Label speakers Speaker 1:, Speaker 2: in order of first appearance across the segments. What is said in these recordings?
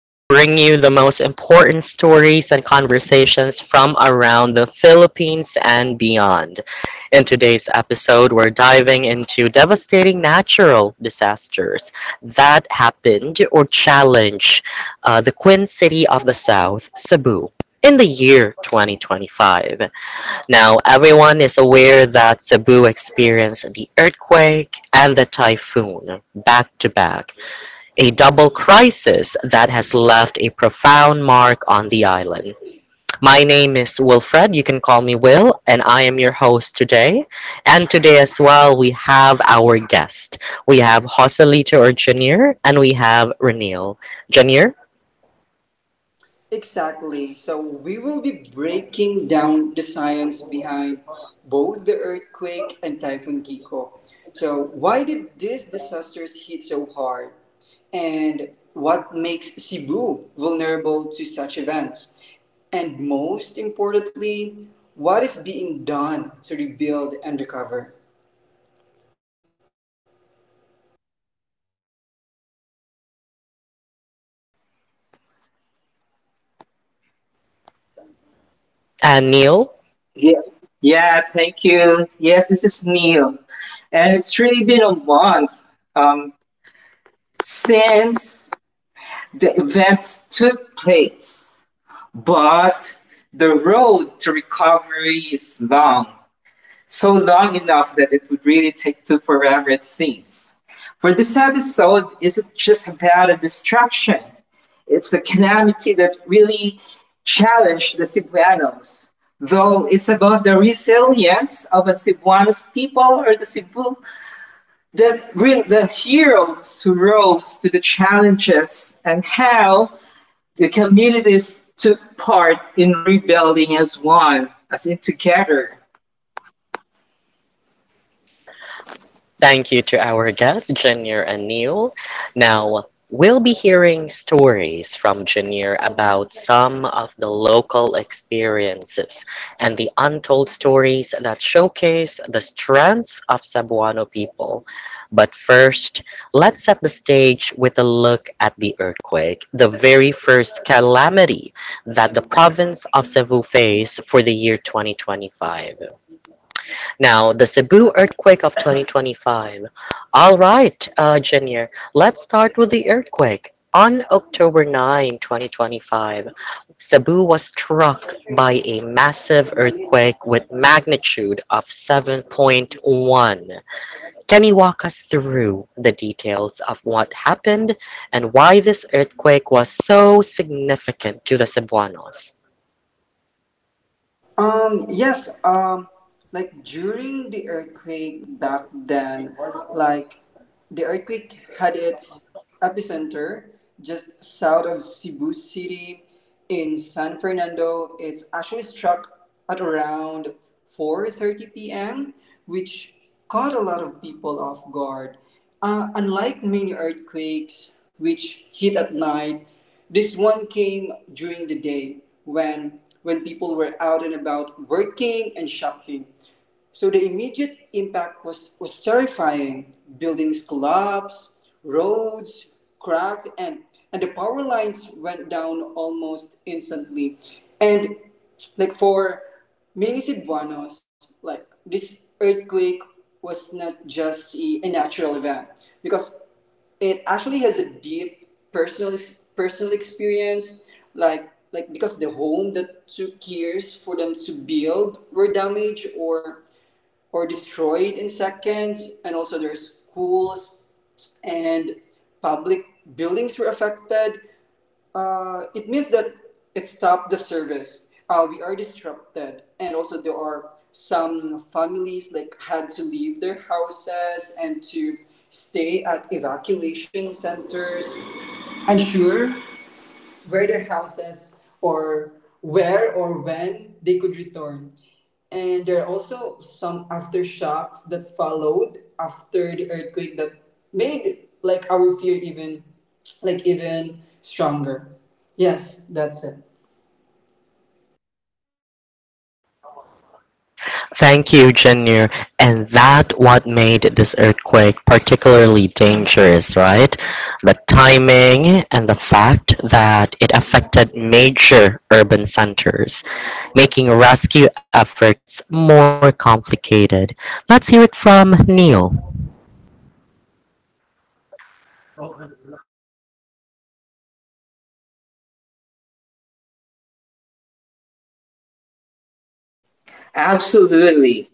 Speaker 1: We bring you the most important stories and conversations from around the Philippines and beyond. In today's episode, we're diving into devastating natural disasters that happened or challenged the Queen City of the South, Cebu, in the year 2025. Now everyone is aware that Cebu experienced the earthquake and the typhoon back to back, a double crisis that has left a profound mark on the island. My name is Wilfred, you can call me Will, and I am your host today. And today as well, we have our guest. We have Joselito or Junior, and we have Renil. Junior
Speaker 2: Exactly. So we will be breaking down the science behind both the earthquake and Typhoon Kiko. So why did these disasters hit so hard? And what makes Cebu vulnerable to such events? And most importantly, what is being done to rebuild and recover?
Speaker 1: and Neil,
Speaker 3: Yeah, yeah, thank you. Yes, this is Neil. And it's really been a month um, since the event took place. But the road to recovery is long, so long enough that it would really take too forever, it seems. For this episode isn't just about a distraction, it's a calamity that really challenged the Cebuanos. Though it's about the resilience of a Cebuanos people or the Cebu, that the heroes who rose to the challenges and how the communities took part in rebuilding as one, as in together.
Speaker 1: thank you to our guests, Janir and Neil. Now, we'll be hearing stories from Janir about some of the local experiences and the untold stories that showcase the strength of Cebuano people. But first, let's set the stage with a look at the earthquake, the very first calamity that the province of Cebu faced for the year 2025. Now, the Cebu earthquake of 2025. All right, Junior, let's start with the earthquake. On October 9, 2025, Cebu was struck by a massive earthquake with magnitude of 7.1. Can you walk us through the details of what happened and why this earthquake was so significant to the Cebuanos?
Speaker 2: Um, yes, um, like during the earthquake back then, like the earthquake had its epicenter just south of Cebu City in San Fernando. It's actually struck at around 4:30 p.m., which caught a lot of people off guard. Unlike many earthquakes, which hit at night, this one came during the day when people were out and about working and shopping. So the immediate impact was terrifying. Buildings collapsed, roads cracked, and the power lines went down almost instantly. And like for many Cebuanos, like this earthquake was not just a natural event because it actually has a deep personal personal experience like because the home that took years for them to build were damaged or destroyed in seconds. And also, there's schools and public buildings were affected. It means that it stopped the service. We are disrupted, and also there are some families like had to leave their houses and to stay at evacuation centers. I'm sure where their houses or where or when they could return. And there are also some aftershocks that followed after the earthquake that made like our fear even stronger. Yes, that's it.
Speaker 1: Thank you, Junior. And that what made this earthquake particularly dangerous, right? The timing and the fact that it affected major urban centers, making rescue efforts more complicated. Let's hear it from Neil.
Speaker 3: Absolutely.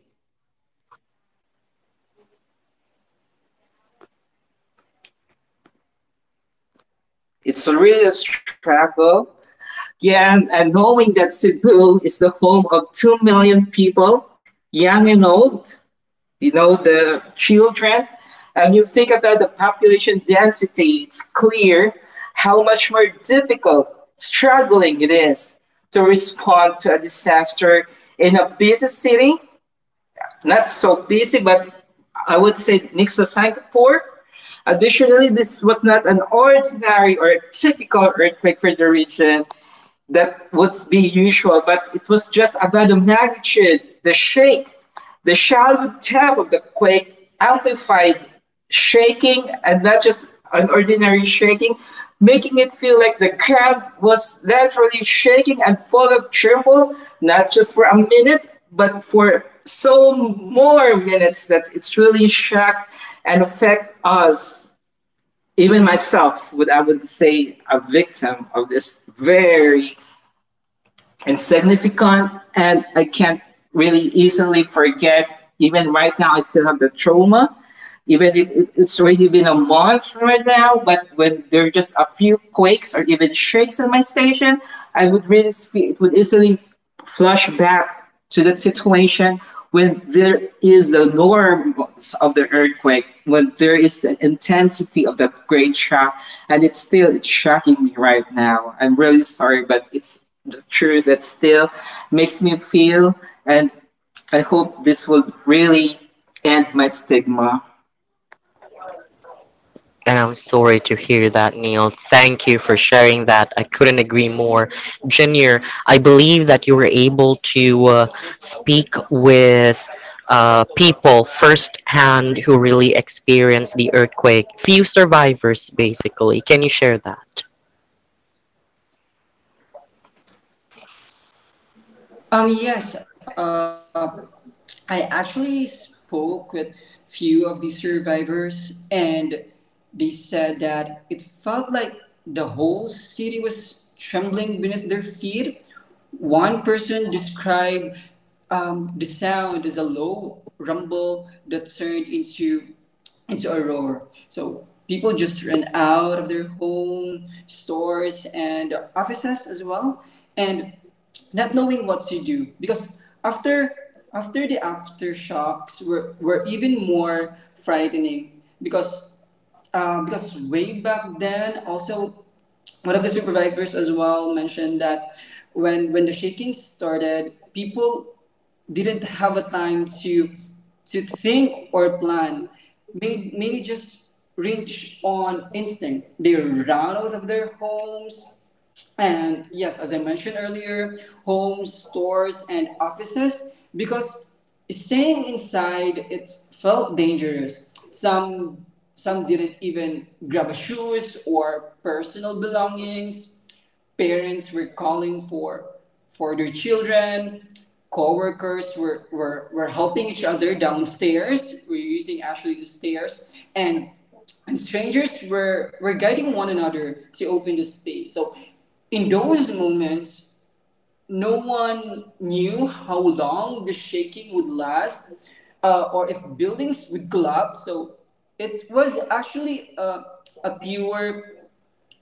Speaker 3: It's really a struggle. Yeah, and knowing that Cebu is the home of 2 million people, young and old, you know, the children, and you think about the population density, it's clear how much more difficult, struggling it is to respond to a disaster in a busy city, not so busy, but I would say next to Singapore. Additionally, this was not an ordinary or typical earthquake for the region that would be usual, but it was just about the magnitude, the shake, the shallow tap of the quake amplified shaking, and not just an ordinary shaking, making it feel like the ground was literally shaking and full of tremble, not just for a minute, but for so more minutes that it really shocked and affected us. Even myself, would I would say a victim of this very and significant, and I can't really easily forget. Even right now, I still have the trauma. Even if it's already been a month right now, but when there are just a few quakes or even shakes in my station, I would really, it would easily flash back to that situation when there is the norms of the earthquake, when there is the intensity of that great shock, and it's still it's shocking me right now. I'm really sorry, but it's the truth that still makes me feel, and I hope this will really end my stigma.
Speaker 1: And I'm sorry to hear that, Neil. Thank you for sharing that. I couldn't agree more. Junior, I believe that you were able to speak with people firsthand who really experienced the earthquake. Few survivors, basically. Can you share that?
Speaker 2: Um, yes, uh, I actually spoke with few of the survivors, and they said that it felt like the whole city was trembling beneath their feet. One person described the sound as a low rumble that turned into a roar. So people just ran out of their home, stores, and offices as well, and not knowing what to do because after after the aftershocks were even more frightening because way back then also one of the supervisors as well mentioned that when the shaking started people didn't have a time to think or plan made mainly just reach on instinct. They ran out of their homes and yes, as I mentioned earlier, homes, stores, and offices, because staying inside it felt dangerous. Some didn't even grab a shoes or personal belongings. Parents were calling for their children. Co-workers were helping each other downstairs, we're using actually the stairs, and and strangers were guiding one another to open the space. So in those moments no one knew how long the shaking would last, or if buildings would collapse. So it was actually a pure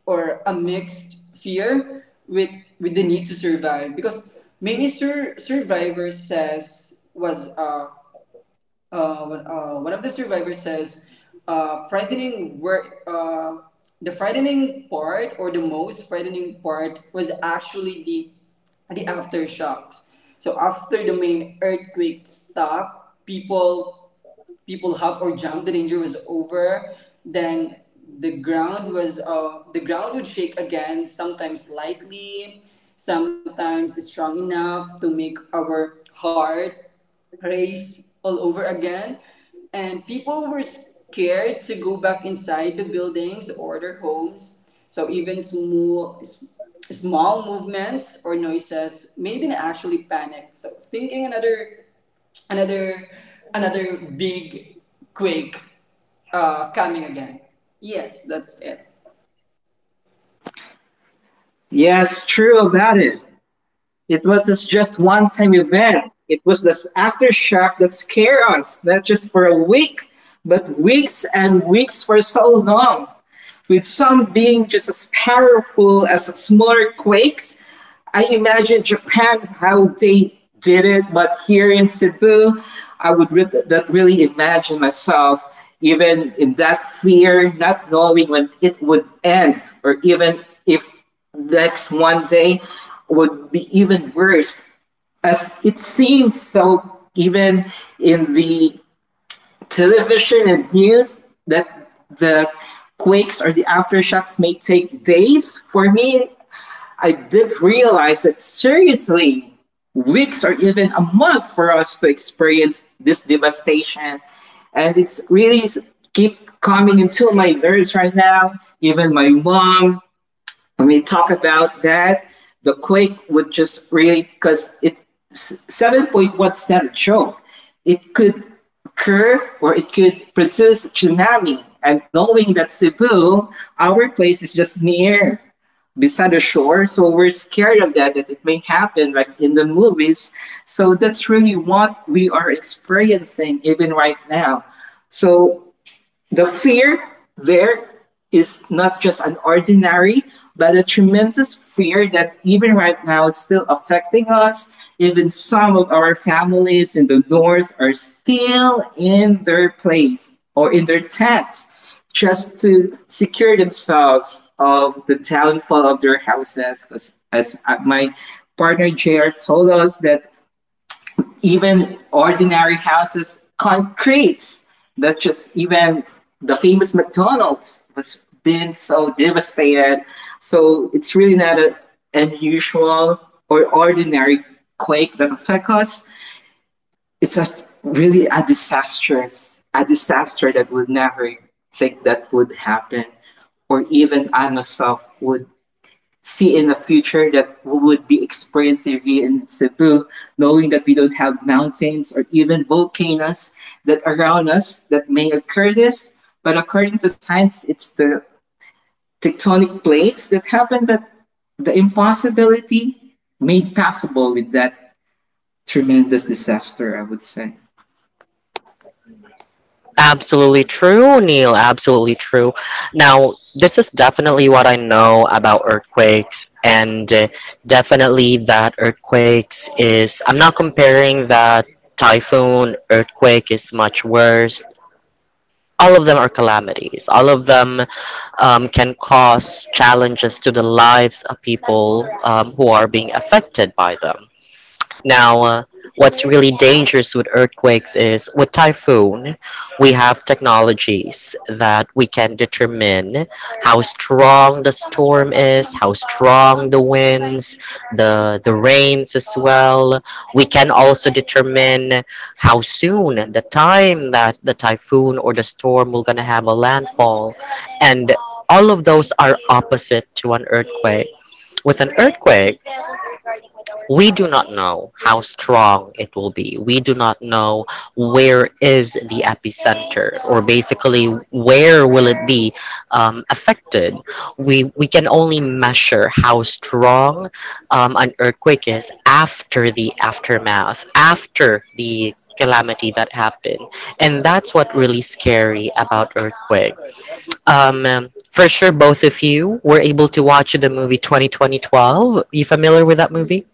Speaker 2: or a mixed fear with the need to survive. Because many sur- survivors says was one- one of the survivors says frightening work the frightening part or the most frightening part was actually the aftershocks. So after the main earthquake stopped, people hop or jump, the danger was over. Then the ground would shake again, sometimes lightly, sometimes strong enough to make our heart race all over again. And people were scared to go back inside the buildings or their homes. So even small movements or noises made them actually panic, so thinking another another big quake coming again. Yes, that's it.
Speaker 3: Yes, true about it. It was just one time event. It was this aftershock that scared us, not just for a week, but weeks and weeks for so long, with some being just as powerful as smaller quakes. I imagine Japan how they did it, but here in Cebu, I would not really imagine myself even in that fear, not knowing when it would end, or even if next one day would be even worse, as it seems so even in the television and news that the quakes or the aftershocks may take days. For me, I did realize that seriously, weeks or even a month for us to experience this devastation. And it's really keep coming into my nerves right now. Even my mom, when we talk about that, the quake would just really because it 7.1 standard show, it could occur or it could produce a tsunami. And knowing that Cebu, our place is just near beside the shore, so we're scared of that, that it may happen like in the movies. So that's really what we are experiencing even right now. So the fear there is not just an ordinary, but a tremendous fear that even right now is still affecting us. Even some of our families in the north are still in their place or in their tent, just to secure themselves of the downfall of their houses. Because as my partner JR told us that even ordinary houses, concrete. That just even the famous McDonald's was been so devastated. So it's really not an unusual or ordinary quake that affect us. It's a really a disastrous, a disaster that would never think that would happen, or even I myself would see in the future that we would be experiencing here in Cebu, knowing that we don't have mountains or even volcanoes that around us that may occur this. But according to science, it's the tectonic plates that happen, but the impossibility made possible with that tremendous disaster, I would say.
Speaker 1: Absolutely true, Neil. Absolutely true. Now, this is definitely what I know about earthquakes, and definitely that earthquakes is. I'm not comparing that typhoon, earthquake is much worse. All of them are calamities. All of them can cause challenges to the lives of people who are being affected by them. Now, what's really dangerous with earthquakes is with typhoon, we have technologies that we can determine how strong the storm is, how strong the winds, the rains as well. We can also determine how soon the time that the typhoon or the storm will gonna have a landfall, and all of those are opposite to an earthquake. With an earthquake, we do not know how strong it will be. We do not know where is the epicenter or basically where will it be affected. We can only measure how strong an earthquake is after the aftermath, after the calamity that happened, and that's what really scary about earthquake. For sure, both of you were able to watch the movie 2020 12. You familiar with that movie?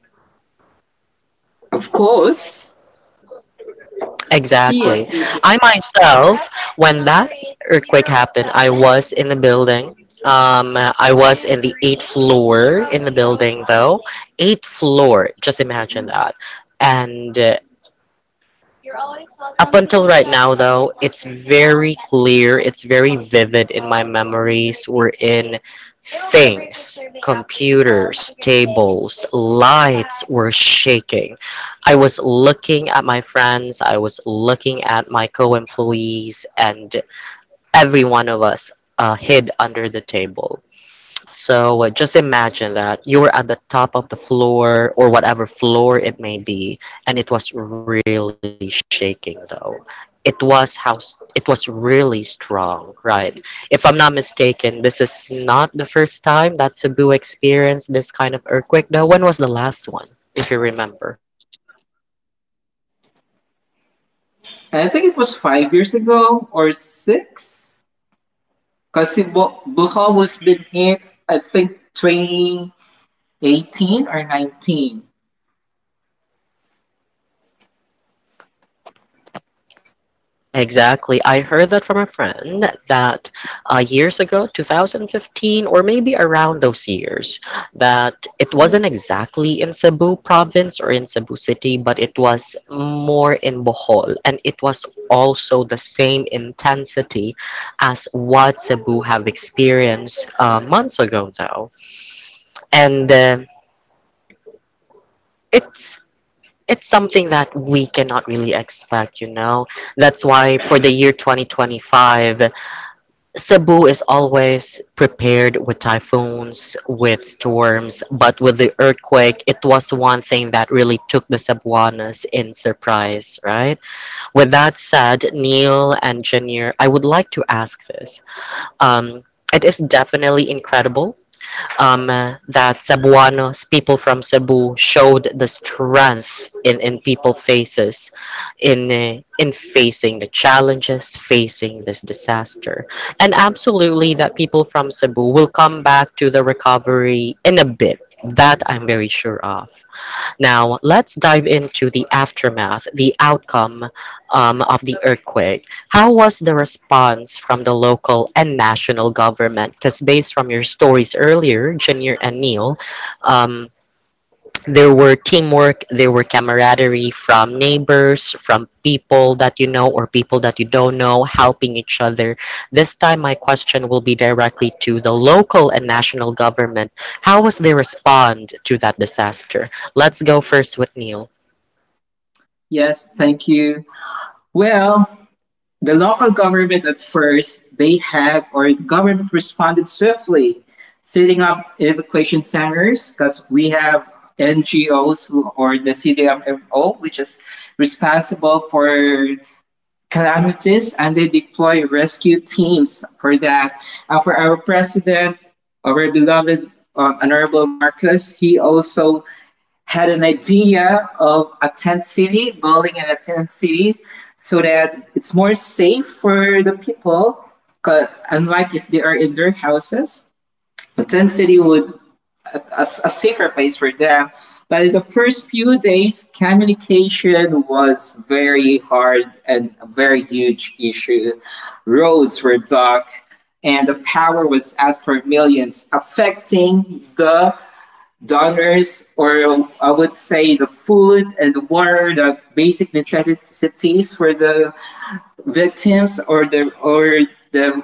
Speaker 3: Of course,
Speaker 2: Yes,
Speaker 1: Exactly.
Speaker 2: me too.
Speaker 1: I myself, when that earthquake happened, I was in the building. I was in the eighth floor in the building, though. Eighth floor, just imagine that. And up until right now, though, it's very clear, it's very vivid in my memories. We're in things, computers, tables, lights were shaking. I was looking at my friends, I was looking at my co employees, and every one of us hid under the table. So just imagine that you were at the top of the floor or whatever floor it may be, and it was really shaking though. It was it was really strong, right? If I'm not mistaken, this is not the first time that Cebu experienced this kind of earthquake though. When was the last one, if you remember?
Speaker 3: I think it was 5 years ago or six, because Bohol was been hit, I think, 20, 18 or 19.
Speaker 1: Exactly. I heard that from a friend that years ago, 2015, or maybe around those years, that it wasn't exactly in Cebu province or in Cebu city, but it was more in Bohol. And it was also the same intensity as what Cebu have experienced months ago, though. And it's it's something that we cannot really expect, you know. That's why for the year 2025, Cebu is always prepared with typhoons, with storms, but with the earthquake, it was one thing that really took the Cebuanas in surprise, right? With that said, Neil and Janir, I would like to ask this. Um, it is definitely incredible that Cebuanos, people from Cebu, showed the strength in people faces, in facing the challenges, facing this disaster, and absolutely that people from Cebu will come back to the recovery in a bit. That I'm very sure of. Now, let's dive into the aftermath, the outcome of the earthquake. How was the response from the local and national government? Because based from your stories earlier, Janir and Neil, um, there were teamwork, there were camaraderie from neighbors, from people that you know or people that you don't know, helping each other. This time, my question will be directly to the local and national government. How was they respond to that disaster? Let's go first with Neil.
Speaker 3: Yes, thank you. Well, the local government at first, they had, or the government responded swiftly, setting up evacuation centers, because we have NGOs who, or the CDMO, which is responsible for calamities, and they deploy rescue teams for that. And for our president, our beloved Honorable Marcus, he also had an idea of a tent city, building in a tent city, so that it's more safe for the people. Unlike if they are in their houses, a tent city would a safer place for them. But in the first few days, communication was very hard and a very huge issue. Roads were blocked, and the power was out for millions, affecting the donors, or I would say the food and the water, the basic necessities for the victims or the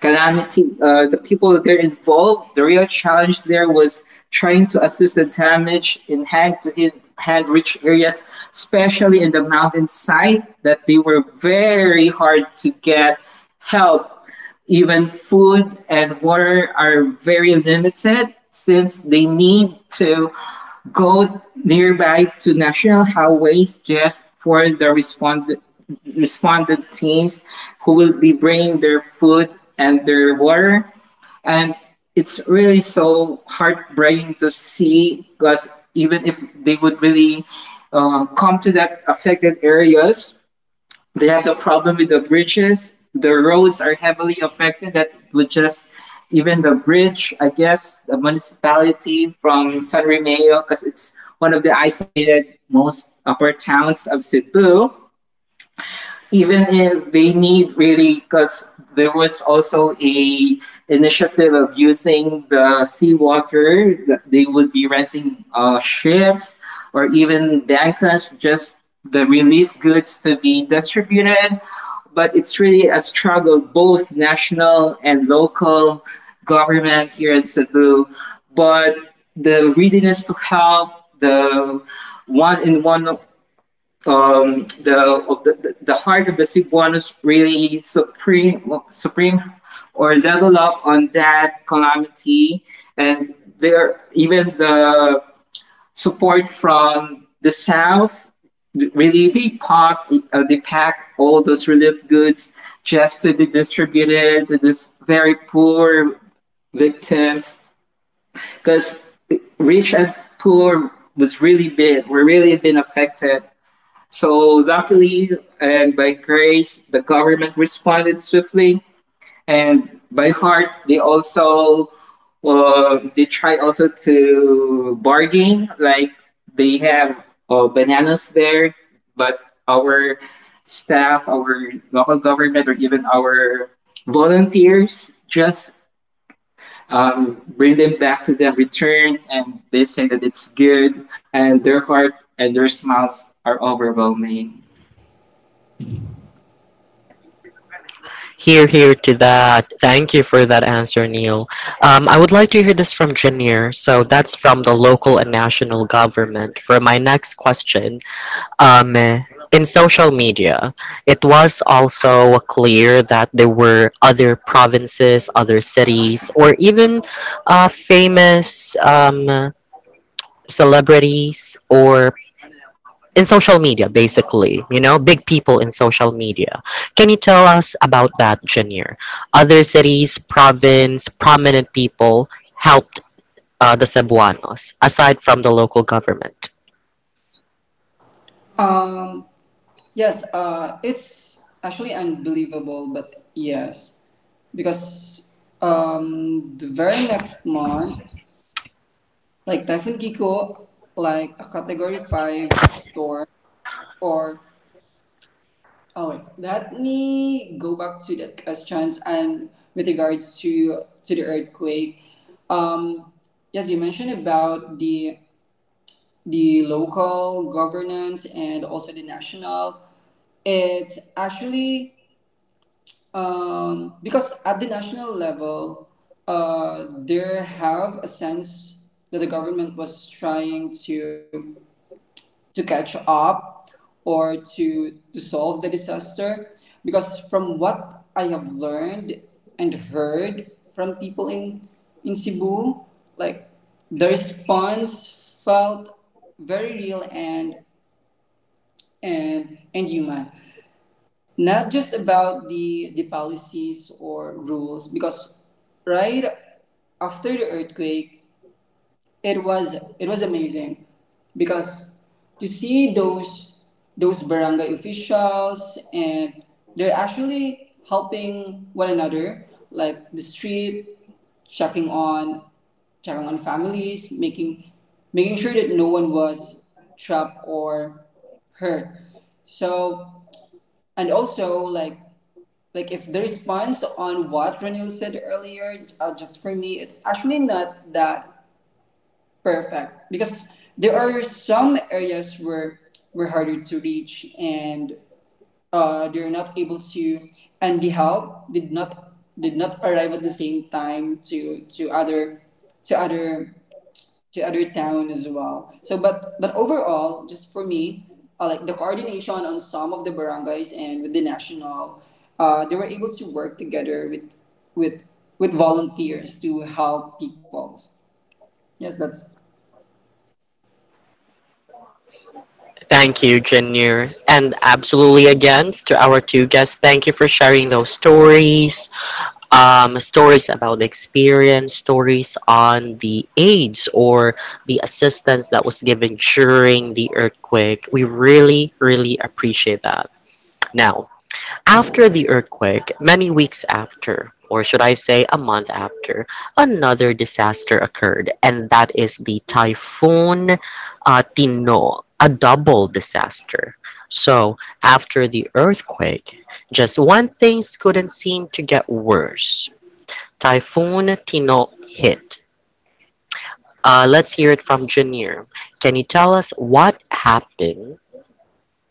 Speaker 3: calamity, the people that are involved. The real challenge there was trying to assist the damage in hand to hand rich areas, especially in the mountain side, that they were very hard to get help, even food and water are very limited since they need to go nearby to national highways just for the responded teams who will be bringing their food and their water. And it's really so heartbreaking to see, because even if they would really come to that affected areas, they have the problem with the bridges. The roads are heavily affected. That would just even the bridge, I guess, the municipality from San Remeo, because it's one of the isolated most upper towns of Cebu, even if they need really because there was also a initiative of using the seawater that they would be renting ships or even bankas just the relief goods to be distributed. But it's really a struggle, both national and local government here in Cebu. But the readiness to help the one in one the, the heart of the Cebuanos really supreme, supreme or level up on that calamity, and there even the support from the South, really they pack, they pack all those relief goods just to be distributed to these very poor victims, because rich and poor was really big were really been affected. So, luckily and by grace, the government responded swiftly. And by heart, they also they try also to bargain. Like they have bananas there, but our staff, our local government, or even our volunteers just bring them back to them, return, and they say that it's good, and their heart and their smiles are overwhelming.
Speaker 1: Here, here to that. Thank you for that answer, Neil. I would like to hear this from Janir. So that's from the local and national government. For my next question, um, in social media, it was also clear that there were other provinces, other cities, or even famous celebrities or in social media, basically, you know, big people in social media. Can you tell us about that, Janir? Other cities, province, prominent people helped the Cebuanos aside from the local government.
Speaker 2: Um, yes, it's actually unbelievable, but yes, because the very next month, like Typhoon Giko, like a Category Five storm, or oh, wait. Let me go back to that questions and with regards to the earthquake. Um, yes, you mentioned about the local governance and also the national. It's actually because at the national level, there have a sense that the government was trying to catch up or to solve the disaster, because from what I have learned and heard from people in Cebu, like the response felt very real and and human, not just about the policies or rules. Because right after the earthquake it was, it was amazing, because to see those barangay officials and they're actually helping one another like the street, checking on checking on families, making sure that no one was trapped or hurt. So and also like if the response on what Ranil said earlier, just for me, it actually not that perfect. Because there are some areas where we're harder to reach and they're not able to, and the help did not arrive at the same time to to other to other town as well. So but overall, just for me, like the coordination on some of the barangays and with the national, they were able to work together with with with volunteers to help peoples. Yes, that's
Speaker 1: Thank you, Janir. And absolutely again to our two guests, thank you for sharing those stories. Stories about the experience, stories on the aids or the assistance that was given during the earthquake. We really, really appreciate that. Now, after the earthquake, many weeks after, or should I say a month after, another disaster occurred, and that is the Typhoon Tino, a double disaster. So, after the earthquake, just one thing couldn't seem to get worse. Typhoon Tino hit. Let's hear it from Janir. Can you tell us what happened,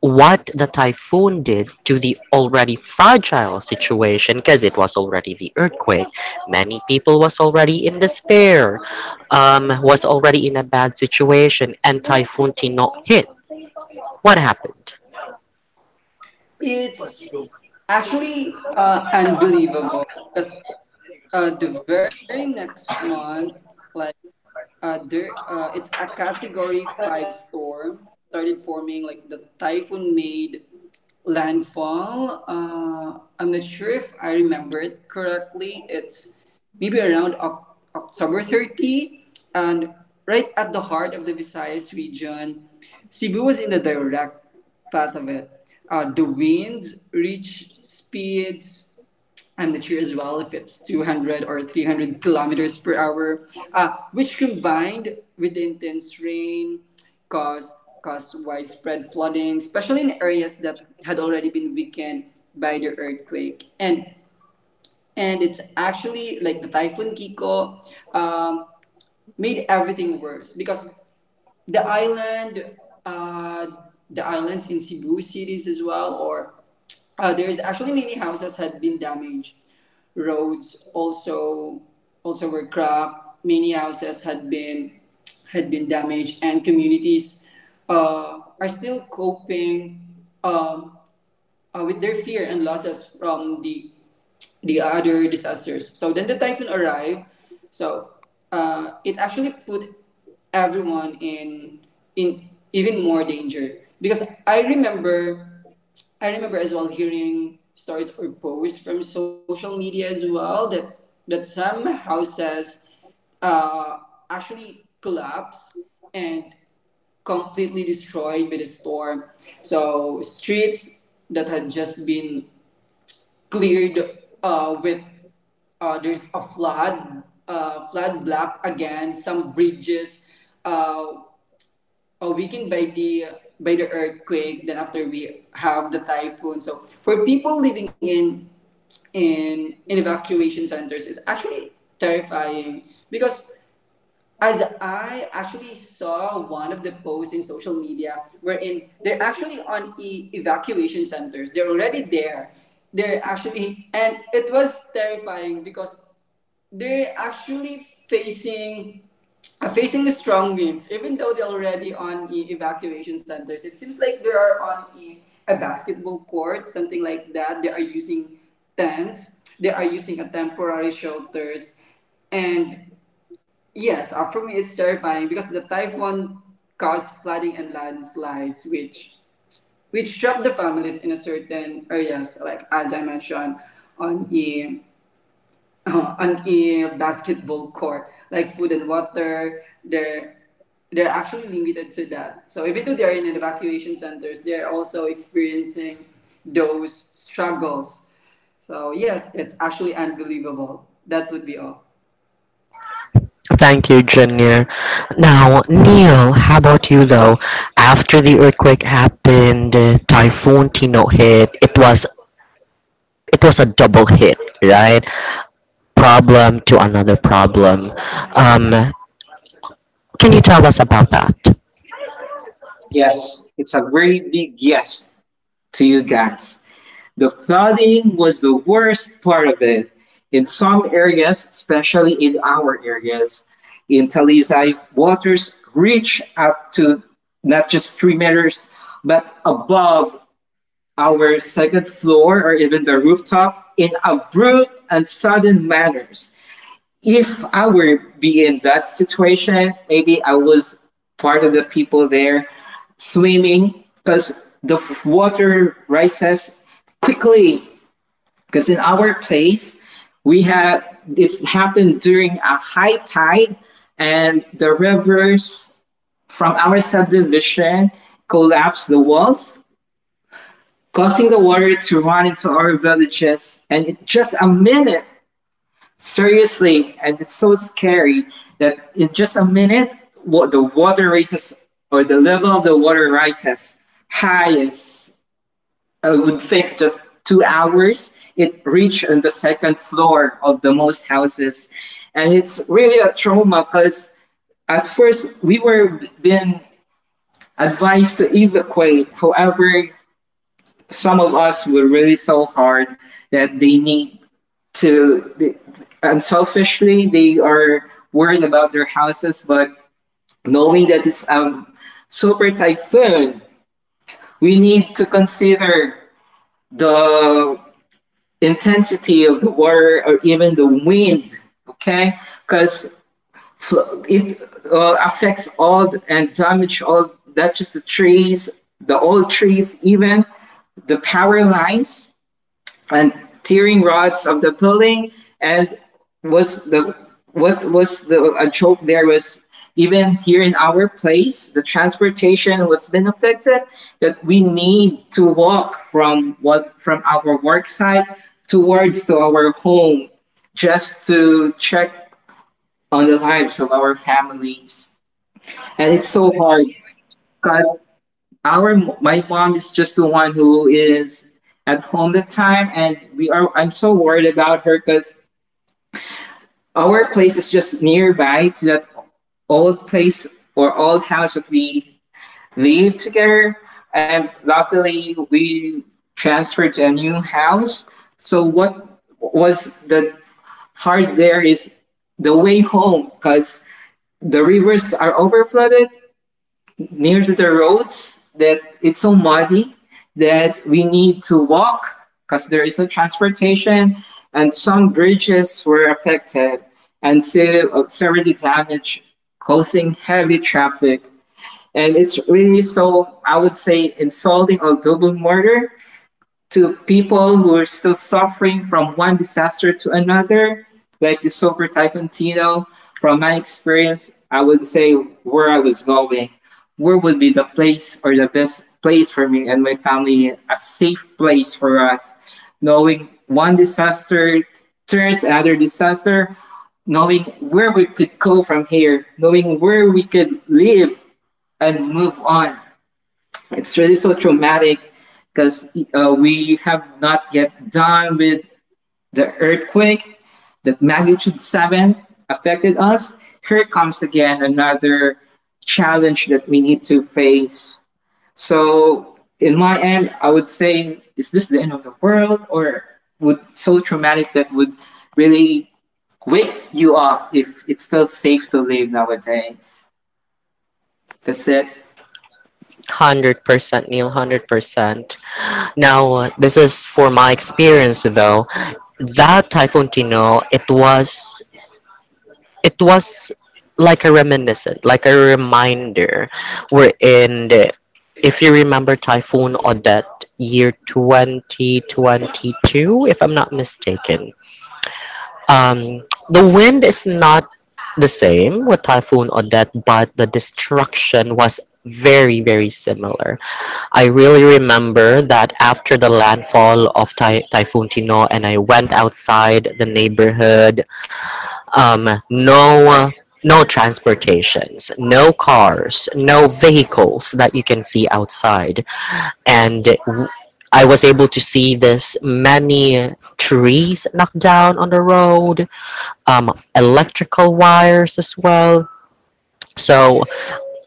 Speaker 1: what the typhoon did to the already fragile situation, because it was already the earthquake, many people was already in despair, was already in a bad situation, and typhoon tino hit. What happened?
Speaker 2: it's actually unbelievable, because the very next month, like it's a Category Five storm started forming. Like the typhoon made landfall. I'm not sure if I remember it correctly. It's maybe around October 30. And right at the heart of the Visayas region, Cebu was in the direct path of it. The winds reached speeds, I'm not sure as well if it's 200 or 300 kilometers per hour, which combined with the intense rain caused, caused widespread flooding, especially in areas that had already been weakened by the earthquake. And it's actually like the typhoon Kiko um, made everything worse because the island, uh, the islands in Cebu cities as well, or there's actually many houses had been damaged. Roads also were cracked. Many houses had been damaged, and communities are still coping uh, with their fear and losses from the other disasters. So then the typhoon arrived. So it actually put everyone in even more danger, because I remember as well hearing stories or posts from social media as well that some houses uh, actually collapse and completely destroyed by the storm. So streets that had just been cleared with there's a flood, flood block again. Some bridges uh, are weakened by the earthquake. Then after we have the typhoon. So for people living in in evacuation centers, it's actually terrifying because as I actually saw one of the posts in social media wherein they're actually on evacuation centers. They're already there. They're actually, and it was terrifying because they're actually facing facing the strong winds, even though they're already on evacuation centers. It seems like they are on a basketball court, something like that. They are using tents. They are using a temporary shelters and yes, for me it's terrifying because the typhoon caused flooding and landslides, which trapped the families in a certain areas, like as I mentioned, on a on a basketball court, like food and water. They're actually limited to that. So even though they're in evacuation centers, they're also experiencing those struggles. So yes, it's actually unbelievable. That would be all.
Speaker 1: Thank you, junior. Now, Neil, how about you, though? After the earthquake happened, typhoon tino hit. It was, it was a double hit, right? Problem to another problem. um, Can you tell us about that?
Speaker 3: Yes, it's a very big yes to you guys. The flooding was the worst part of it. In some areas, especially in our areas, in Talisay, waters reach up to not just 3 meters, but above our second floor or even the rooftop in abrupt and sudden manners. If I were be in that situation, maybe I was part of the people there swimming, because the water rises quickly. Because in our place, we had it's happened during a high tide, and the rivers from our subdivision collapsed the walls, causing the water to run into our villages. And in just a minute, seriously, and it's so scary that in just a minute, the water rises or the level of the water rises high as I would think just 2 hours. It reached on the second floor of the most houses, and it's really a trauma because at first we were being advised to evacuate. However, some of us were really so hard that they need to they, unselfishly they are worried about their houses. But knowing that it's a super typhoon, we need to consider the intensity of the water or even the wind, okay? Because it affects and damage all, not just the trees, the old trees, even the power lines and tearing rods of the building. And was the what was the a joke there was, even here in our place, the transportation was been affected, that we need to walk from what from our work site towards to our home, just to check on the lives of our families. And it's so hard 'cause our my mom is just the one who is at home that time, and we are I'm so worried about her because our place is just nearby to that old place or old house that we lived together. And luckily we transferred to a new house. So what was the hard there is the way home, because the rivers are overflooded near to the roads that it's so muddy that we need to walk because there is no transportation. And some bridges were affected and so severely damaged, causing heavy traffic. And it's really so, I would say, insulting or double murder to people who are still suffering from one disaster to another, like the super typhoon Tino. From my experience, I would say where I was going, where would be the place or the best place for me and my family, a safe place for us, knowing one disaster turns another disaster, knowing where we could go from here, knowing where we could live and move on. It's really so traumatic because we have not yet done with the earthquake that magnitude 7 affected us. Here comes again another challenge that we need to face. So, in my end, I would say, is this the end of the world, or would so traumatic that would really wake you up if it's still safe to live nowadays? That's it.
Speaker 1: 100%, Neil. 100%. Now, this is for my experience, though. That Typhoon Tino, it was like a reminiscent, like a reminder. We're in the, if you remember Typhoon Odette, year 2022, if I'm not mistaken. The wind is not the same with Typhoon Odette, but the destruction was very, very similar. I really remember that after the landfall of Typhoon Tino, and I went outside the neighborhood, no. No transportations, no cars, no vehicles that you can see outside. And I was able to see this many trees knocked down on the road, electrical wires as well. So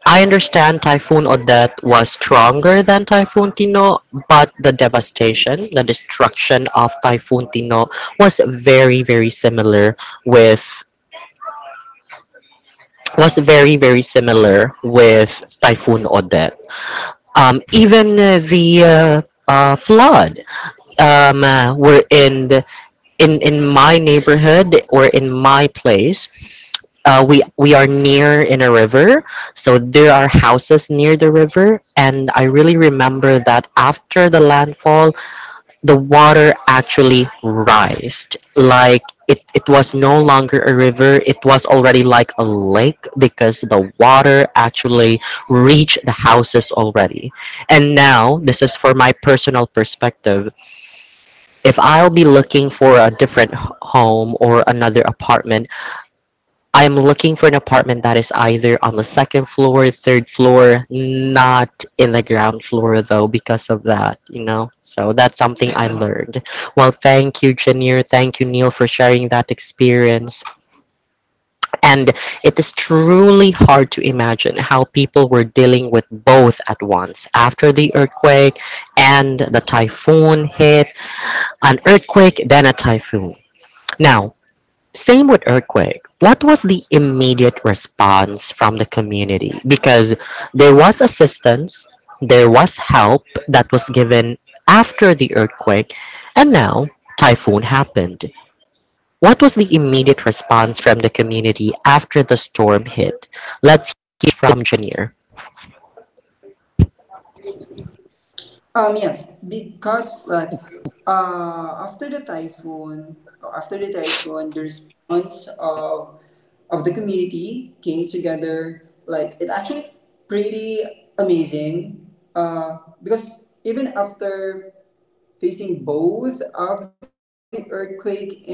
Speaker 1: I understand Typhoon Odette was stronger than Typhoon Tino, but the devastation, the destruction of Typhoon Tino was very, very similar with was very, very similar with Typhoon Odette. Even the flood were in the, in my neighborhood or in my place, we are near in a river, so there are houses near the river, and I really remember that after the landfall, the water actually rised. Like it was no longer a river; it was already like a lake because the water actually reached the houses already. And now, this is for my personal perspective. If I'll be looking for a different home or another apartment, I am looking for an apartment that is either on the second floor, third floor, not in the ground floor though, because of that, you know? So that's something I learned. Well, thank you, Janir. Thank you, Neil, for sharing that experience. And it is truly hard to imagine how people were dealing with both at once after the earthquake and the typhoon hit, an earthquake, then a typhoon. Now, same with Earthquake. What was the immediate response from the community? Because there was assistance, there was help that was given after the earthquake, and now typhoon happened. What was the immediate response from the community after the storm hit? Let's hear from Janier.
Speaker 2: Yes, because like after the typhoon, the response of the community came together. Like it actually pretty amazing. Uh, because even after facing both of the earthquake and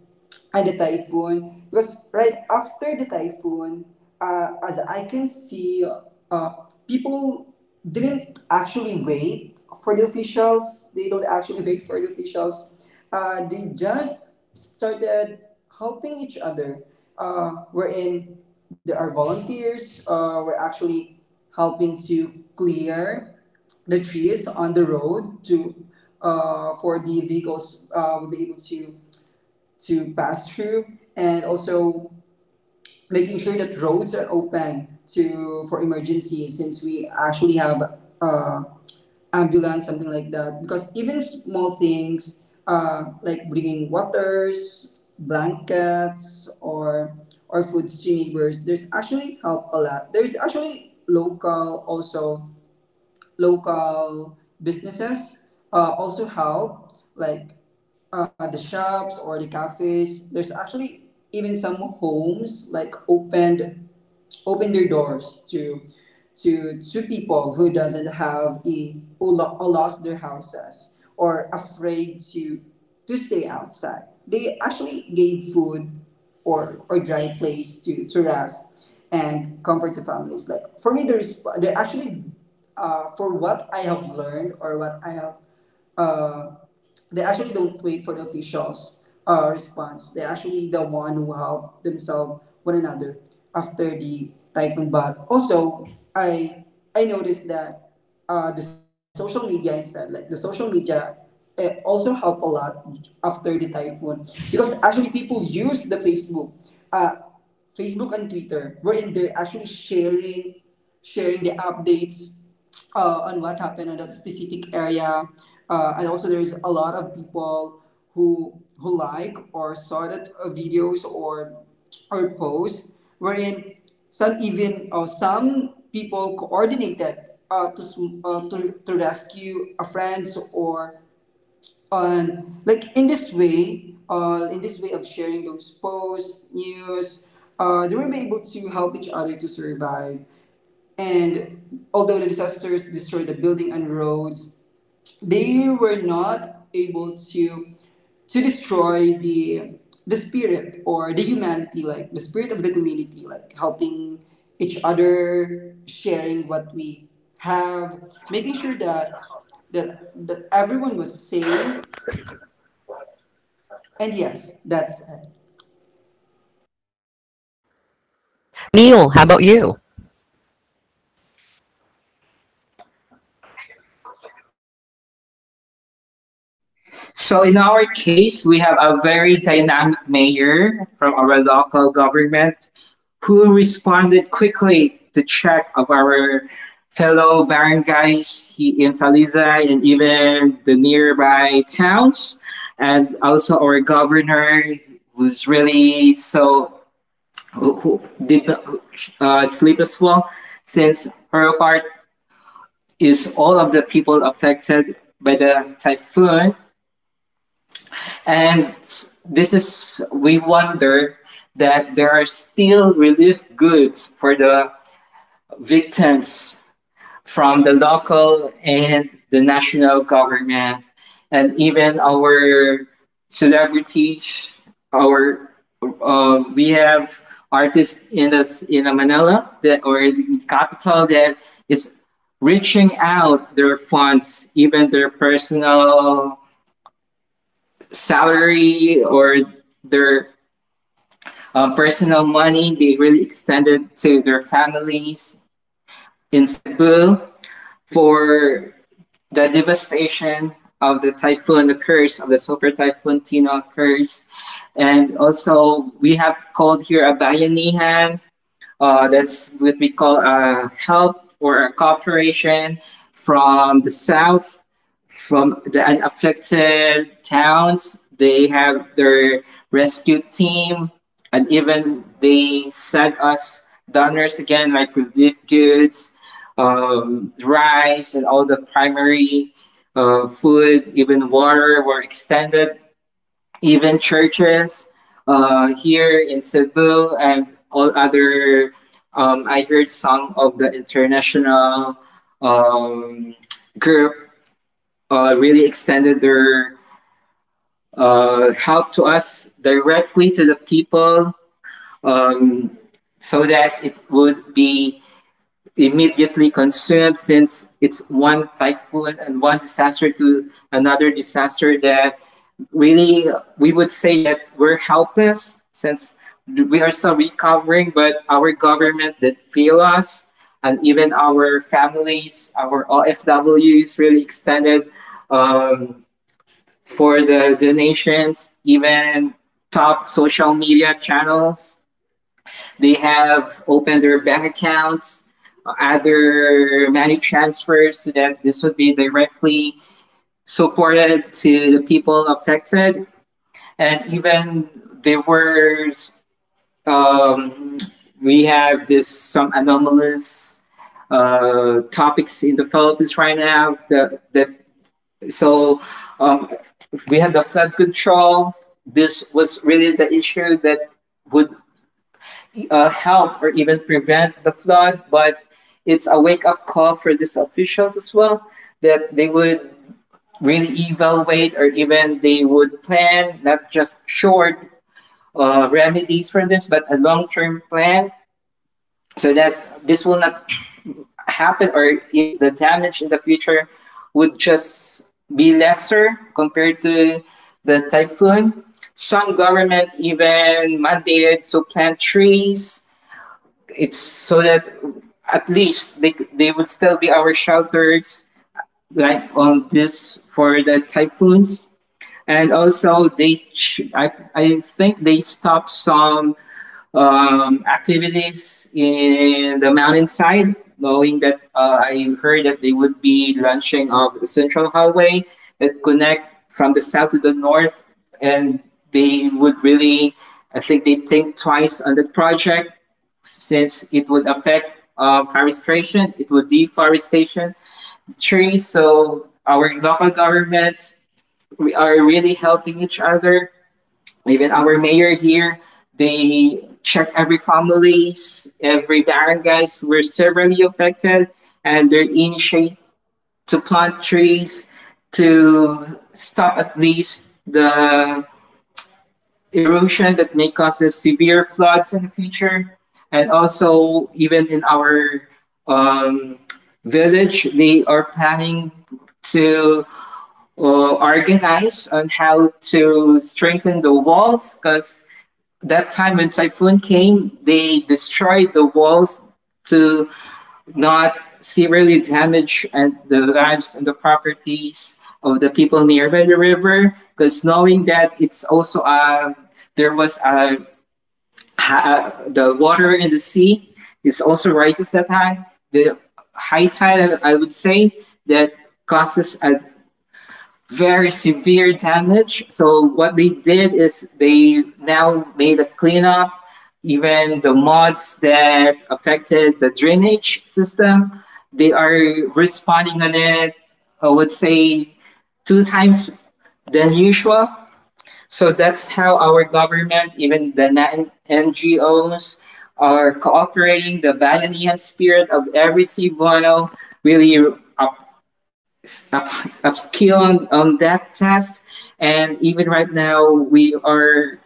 Speaker 2: the typhoon, because right after the typhoon as I can see, uh, people didn't actually wait for the officials. They don't actually wait for the officials They just started helping each other, uh, wherein there are volunteers are actually helping to clear the trees on the road to, for the vehicles will be able to pass through, and also making sure that roads are open to for emergencies, since we actually have uh, ambulance something like that. Because even small things like bringing waters, blankets or foods to neighbors there's actually help a lot. There's actually local also local businesses also help, like the shops or the cafes. There's actually even some homes like opened, open their doors to people who doesn't have a who lost their houses or afraid to stay outside. They actually gave food or dry place to rest and comfort to families. Like for me there's they're actually, for what I have learned or what I have, uh, they actually don't wait for the officials' response. They're actually the one who help themselves one another after the typhoon bath. Also, I I noticed that the social media instead, like the social media, also help a lot after the typhoon because actually people use the Facebook. Uh, Facebook and Twitter, wherein they're actually sharing the updates on what happened on that specific area, and also there's a lot of people who like or saw that videos or posts wherein some even or some people coordinated to, sm- to rescue a friends or on like in this way of sharing those posts news, they will be able to help each other to survive. And although the disasters destroyed the building and roads, they were not able to destroy the spirit or the humanity, like the spirit of the community, like helping each other, sharing what we have, making sure that everyone was safe. And yes, that's it.
Speaker 1: Neil, how about you?
Speaker 3: So in our case, we have a very dynamic mayor from our local government who responded quickly to check of our fellow barangays in Taliza and even the nearby towns. And also our governor was really so who did not sleep as well, since her part is all of the people affected by the typhoon. And this is, we wonder that there are still relief goods for the victims from the local and the national government, and even our celebrities. Our We have artists in us in Manila, that or the capital, that is reaching out their funds, even their personal salary, or their personal money, they really extended to their families in Cebu for the devastation of the typhoon, the curse of the super typhoon Tino curse. And also, we have called here a bayanihan. That's what we call a help or a cooperation from the south, from the unaffected towns. They have their rescue team, and even they sent us donors again, like relief goods, rice, and all the primary food, even water were extended, even churches here in Cebu and all other. I heard some of the international um, group really extended their help to us directly to the people, um, so that it would be immediately consumed, since it's one typhoon and one disaster to another disaster that really we would say that we're helpless, since we are still recovering, but our government did fail us. And even our families, our ofws really extended um, for the donations, even top social media channels. They have opened their bank accounts, other money transfers, so that this would be directly supported to the people affected. And even there were, um, we have this some anomalous topics in the Philippines right now that, so um, we had the flood control. This was really the issue that would help or even prevent the flood, but it's a wake up call for these officials as well, that they would really evaluate or even they would plan, not just short remedies for this, but a long term plan, so that this will not happen, or if the damage in the future would just be lesser compared to the typhoon. Some government even mandated to plant trees, It's so that at least they would still be our shelters like on this for the typhoons. And also I think they stopped some activities in the mountainside, knowing that I heard that they would be launching of the central highway that connect from the south to the north. And they would really, I think they think twice on the project, since it would affect forestation, it would deforestation trees. So our local governments, we are really helping each other. Even our mayor here, they check every families, every barangays were severely affected, and they initiate to plant trees to stop at least the erosion that may cause us severe floods in the future. And also even in our um, village, they are planning to organize on how to strengthen the walls, because that time when typhoon came, they destroyed the walls, to not severely damage and the lives and the properties of the people nearby the river. Because knowing that it's also there was a the water in the sea is also rises that high. The high tide, I would say, that causes a very severe damage. So what they did is they now made a cleanup. Even the mods that affected the drainage system, they are responding on it, I would say two times than usual. So that's how our government, even the non- NGOs, are cooperating. The Balinese spirit of every Cebuano really uh, up, upskill on that test. And even right now, we are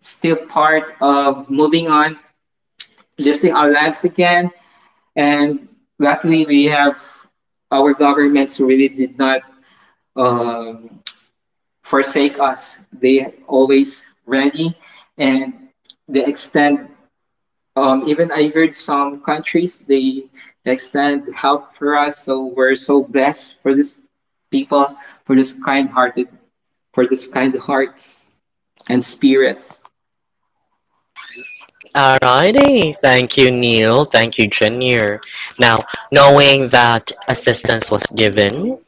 Speaker 3: still part of moving on, lifting our lives again. And luckily, we have our governments who really did not um, forsake us. They always ready, and they extend. Even I heard some countries they extend help for us, so we're so blessed for these people, for these kind-hearted, for these kind hearts and spirits.
Speaker 1: Alrighty, thank you, Neil. Thank you, Janier. Now, knowing that assistance was given,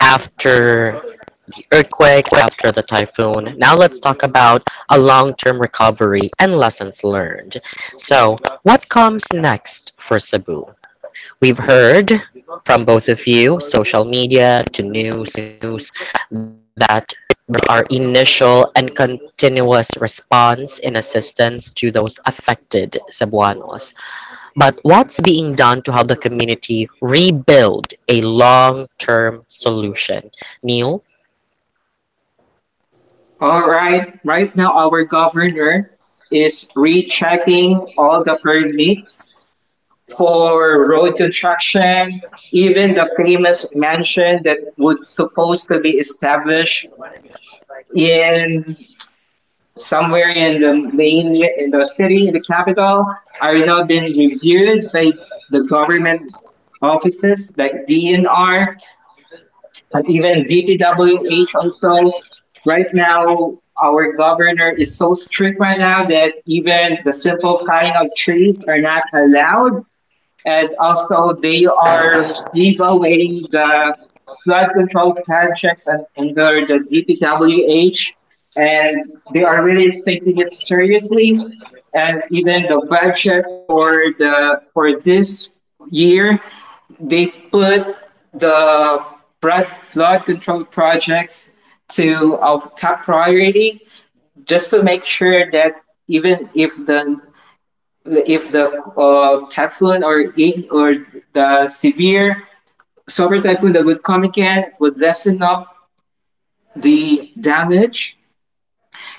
Speaker 1: after the earthquake, after the typhoon. Now let's talk about a long-term recovery and lessons learned. So, what comes next for Cebu? We've heard from both of you, social media to news, news that our initial and continuous response in assistance to those affected Cebuanos. But what's being done to help the community rebuild a long term solution? Neil?
Speaker 3: All right, right now our governor is rechecking all the permits for road construction, even the famous mansion that would supposed to be established in somewhere in the main in the city in the capital, are now being reviewed by the government offices like DNR and even DPWH also. Right now, our governor is so strict right now that even the simple cutting of trees are not allowed. And also they are devaluing the flood control projects and under the DPWH, and they are really taking it seriously. And even the budget for the for this year, they put the flood control projects to of top priority, just to make sure that even if the typhoon or the severe solar typhoon that would come again, would lessen up the damage.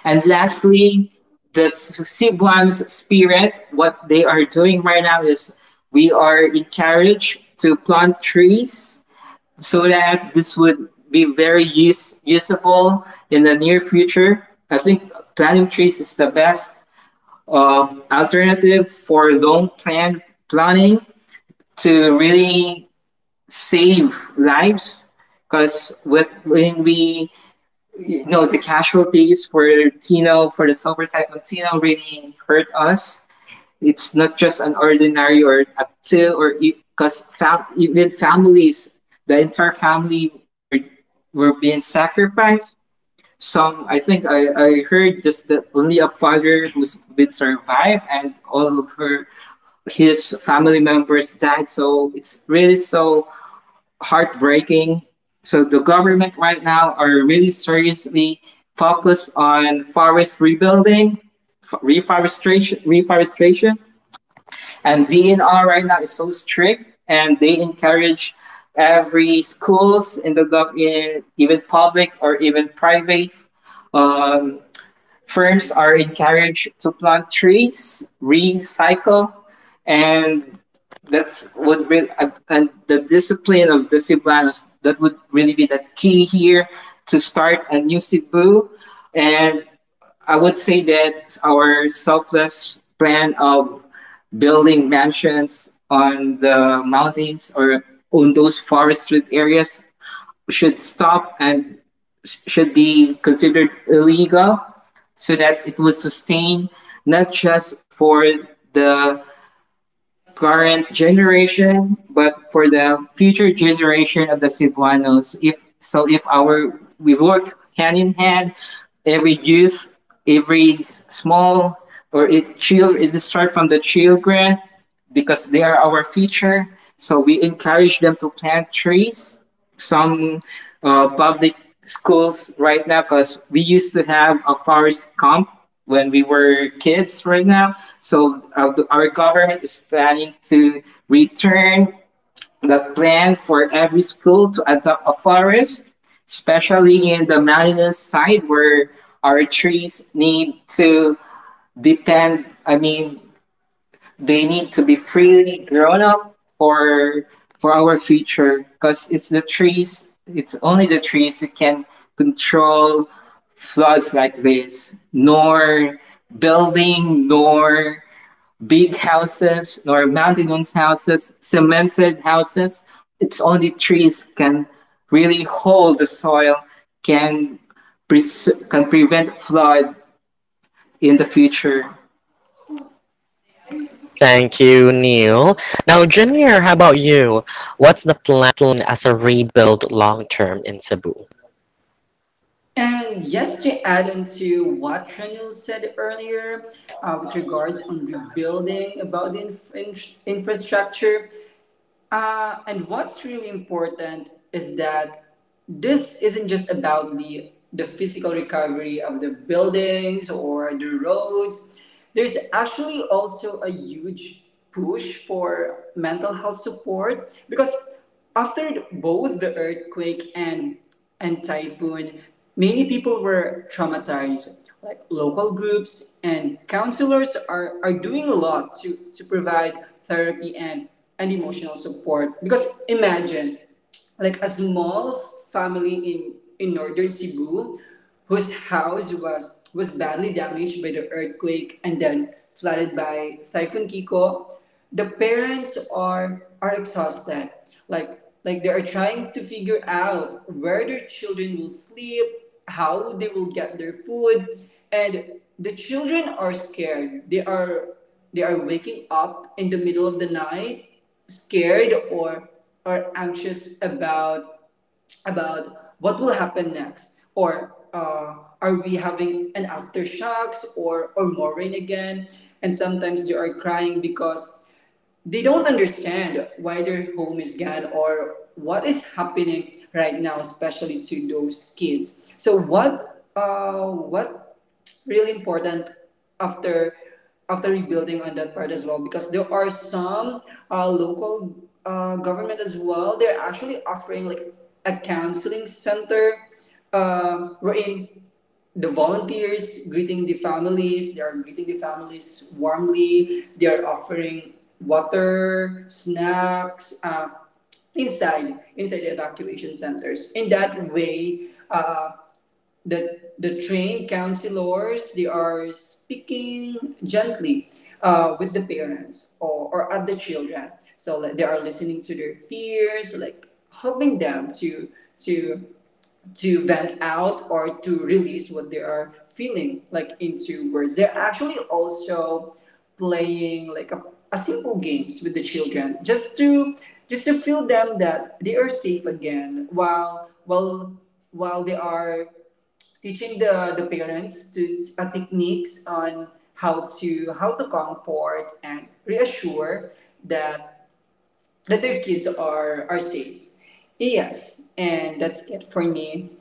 Speaker 3: And lastly, the Cebuans spirit, what they are doing right now is we are encouraged to plant trees, so that this would be very usable in the near future. I think planting trees is the best alternative for long plan planning to really save lives. Because when we, you know, the casualties for Tino, for the silver type of Tino really hurt us. It's not just an ordinary or a two, or because even families, the entire family were being sacrificed. Some, I think I heard just that only a father who's been survived and all of her his family members died. So it's really so heartbreaking. So the government right now are really seriously focused on forest rebuilding, reforestation. And DNR right now is so strict, and they encourage every schools in the government, even public or even private, um, firms are encouraged to plant trees, recycle, and that's what really, and the discipline of the Cebuanos. That would really be the key here to start a new Cebu. And I would say that our selfless plan of building mansions on the mountains or on those forested areas should stop and should be considered illegal, so that it will sustain not just for the current generation but for the future generation of the Cebuanos. If so, if our we work hand in hand, every youth, every s- small or it child, it start from the children because they are our future. So we encourage them to plant trees. Some public schools right now, because we used to have a forest camp when we were kids. Right now, so our government is planning to return the plan for every school to adopt a forest, especially in the mountainous side, where our trees need to depend I mean they need to be freely grown up for our future. Because it's the trees, it's only the trees who can control floods like this. Nor building, nor big houses, nor mountainous houses, cemented houses, it's only trees can really hold the soil, can can prevent flood in the future.
Speaker 1: Thank you, Neil. Now, Junior, how about you? What's the plan as a rebuild long term in Cebu?
Speaker 2: And yes, to add on to what Renil said earlier with regards on rebuilding about the infrastructure, and what's really important is that this isn't just about the physical recovery of the buildings or the roads. There's actually also a huge push for mental health support, because after both the earthquake and typhoon, many people were traumatized. Like local groups and counselors are doing a lot to provide therapy and emotional support. Because imagine like a small family in northern Cebu whose house was badly damaged by the earthquake and then flooded by Typhoon Kiko. The parents are exhausted. Like they are trying to figure out where their children will sleep, how they will get their food, and the children are scared. They are waking up in the middle of the night, scared or anxious about what will happen next, or are we having an aftershocks or more rain again. And sometimes they are crying because they don't understand why their home is gone or what is happening right now, especially to those kids. So what really important after after rebuilding on that part as well, because there are some local government as well, they're actually offering like a counseling center, wherein the volunteers greeting the families, they are greeting the families warmly, they are offering water snacks, inside the evacuation centers. In that way, the trained counselors, they are speaking gently with the parents, or at the children. So like, they are listening to their fears, like helping them to to vent out or to release what they are feeling like into words. They're actually also playing like a simple games with the children, just to feel them that they are safe again, while they are teaching the parents to techniques on how to comfort and reassure that that their kids are safe. Yes, and that's it for me.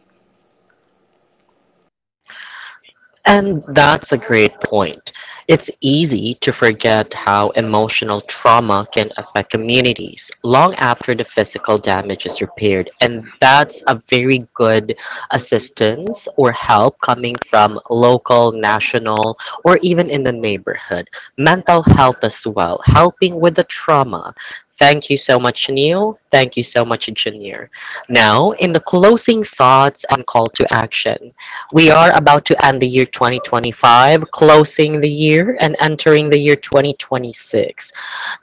Speaker 1: And that's a great point. It's easy to forget how emotional trauma can affect communities long after the physical damage is repaired. And that's a very good assistance or help coming from local, national, or even in the neighborhood. Mental health as well, helping with the trauma. Thank you so much, Neil. Thank you so much, Janir. Now, in the closing thoughts and call to action, we are about to end the year 2025, closing the year and entering the year 2026.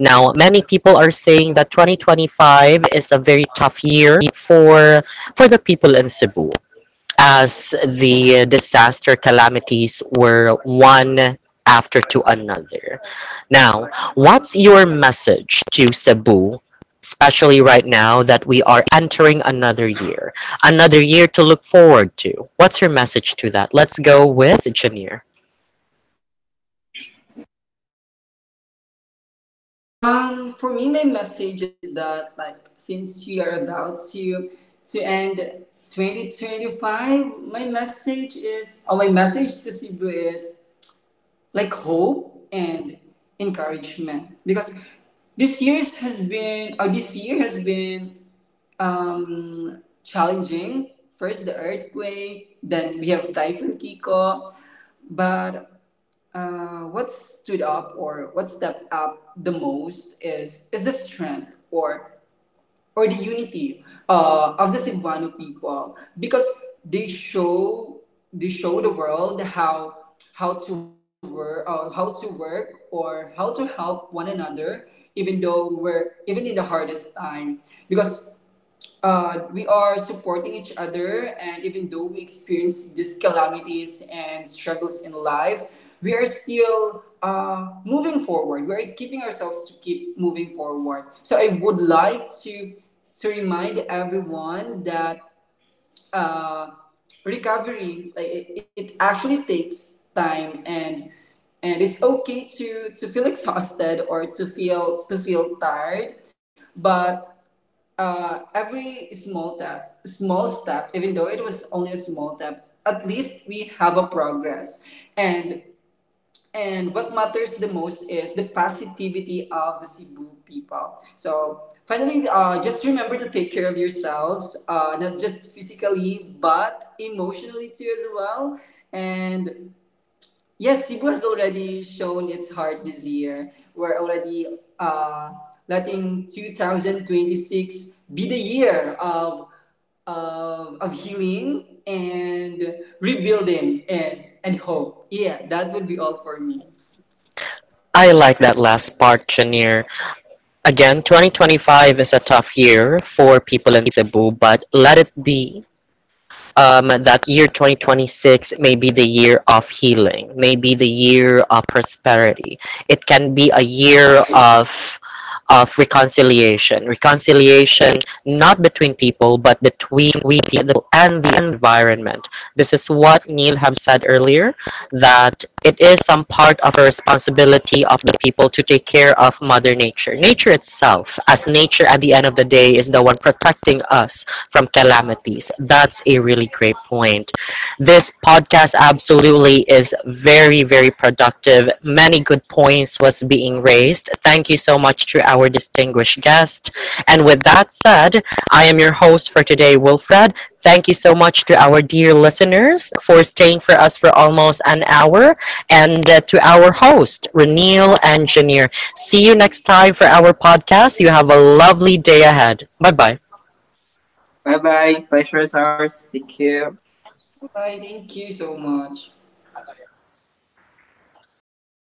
Speaker 1: Now, many people are saying that 2025 is a very tough year for the people in Cebu as the disaster calamities were one after to another. Now, what's your message to Cebu, especially right now that we are entering another year to look forward to? What's your message to that? Let's go with Janir.
Speaker 2: For me, my message is that, like, since we are about to end 2025, my message is, or my message to Cebu is, like, hope and encouragement. Because this year's has been, or this year has been challenging. First the earthquake, then we have Typhoon Kiko. But what stood up or what stepped up the most is the strength or the unity of the Cebuano people. Because they show, they show the world how how to work or how to help one another, even though we're even in the hardest time. Because we are supporting each other, and even though we experience these calamities and struggles in life, we are still moving forward, we are keeping ourselves to keep moving forward. So I would like to remind everyone that uh, recovery, like it actually takes time, and it's okay to feel exhausted, or to feel tired. But every small step, even though it was only a small step, at least we have a progress. And and what matters the most is the positivity of the Cebu people. So finally, just remember to take care of yourselves, not just physically but emotionally too as well. And yes, Cebu has already shown its heart this year. We're already uh, letting 2026 be the year of healing and rebuilding and hope. Yeah, that would be all for me.
Speaker 1: I like that last part, Janir. Again, 2025 is a tough year for people in Cebu, but let it be that year 2026 may be the year of healing, may be the year of prosperity. It can be a year of reconciliation, reconciliation not between people but between we people and the environment. This is what Neil have said earlier that it is some part of a responsibility of the people to take care of Mother Nature. Nature itself, as nature at the end of the day, is the one protecting us from calamities. That's a really great point. This podcast absolutely is very, very productive. Many good points was being raised. Thank you so much to our distinguished guest. And with that said, I am your host for today, Wilfred. Thank you so much to our dear listeners for staying for us for almost an hour and to our host, Renil Engineer. See you next time for our podcast. You have a lovely day ahead. Bye bye.
Speaker 3: Bye bye, pleasure is ours, thank you.
Speaker 2: Bye. Thank you so much.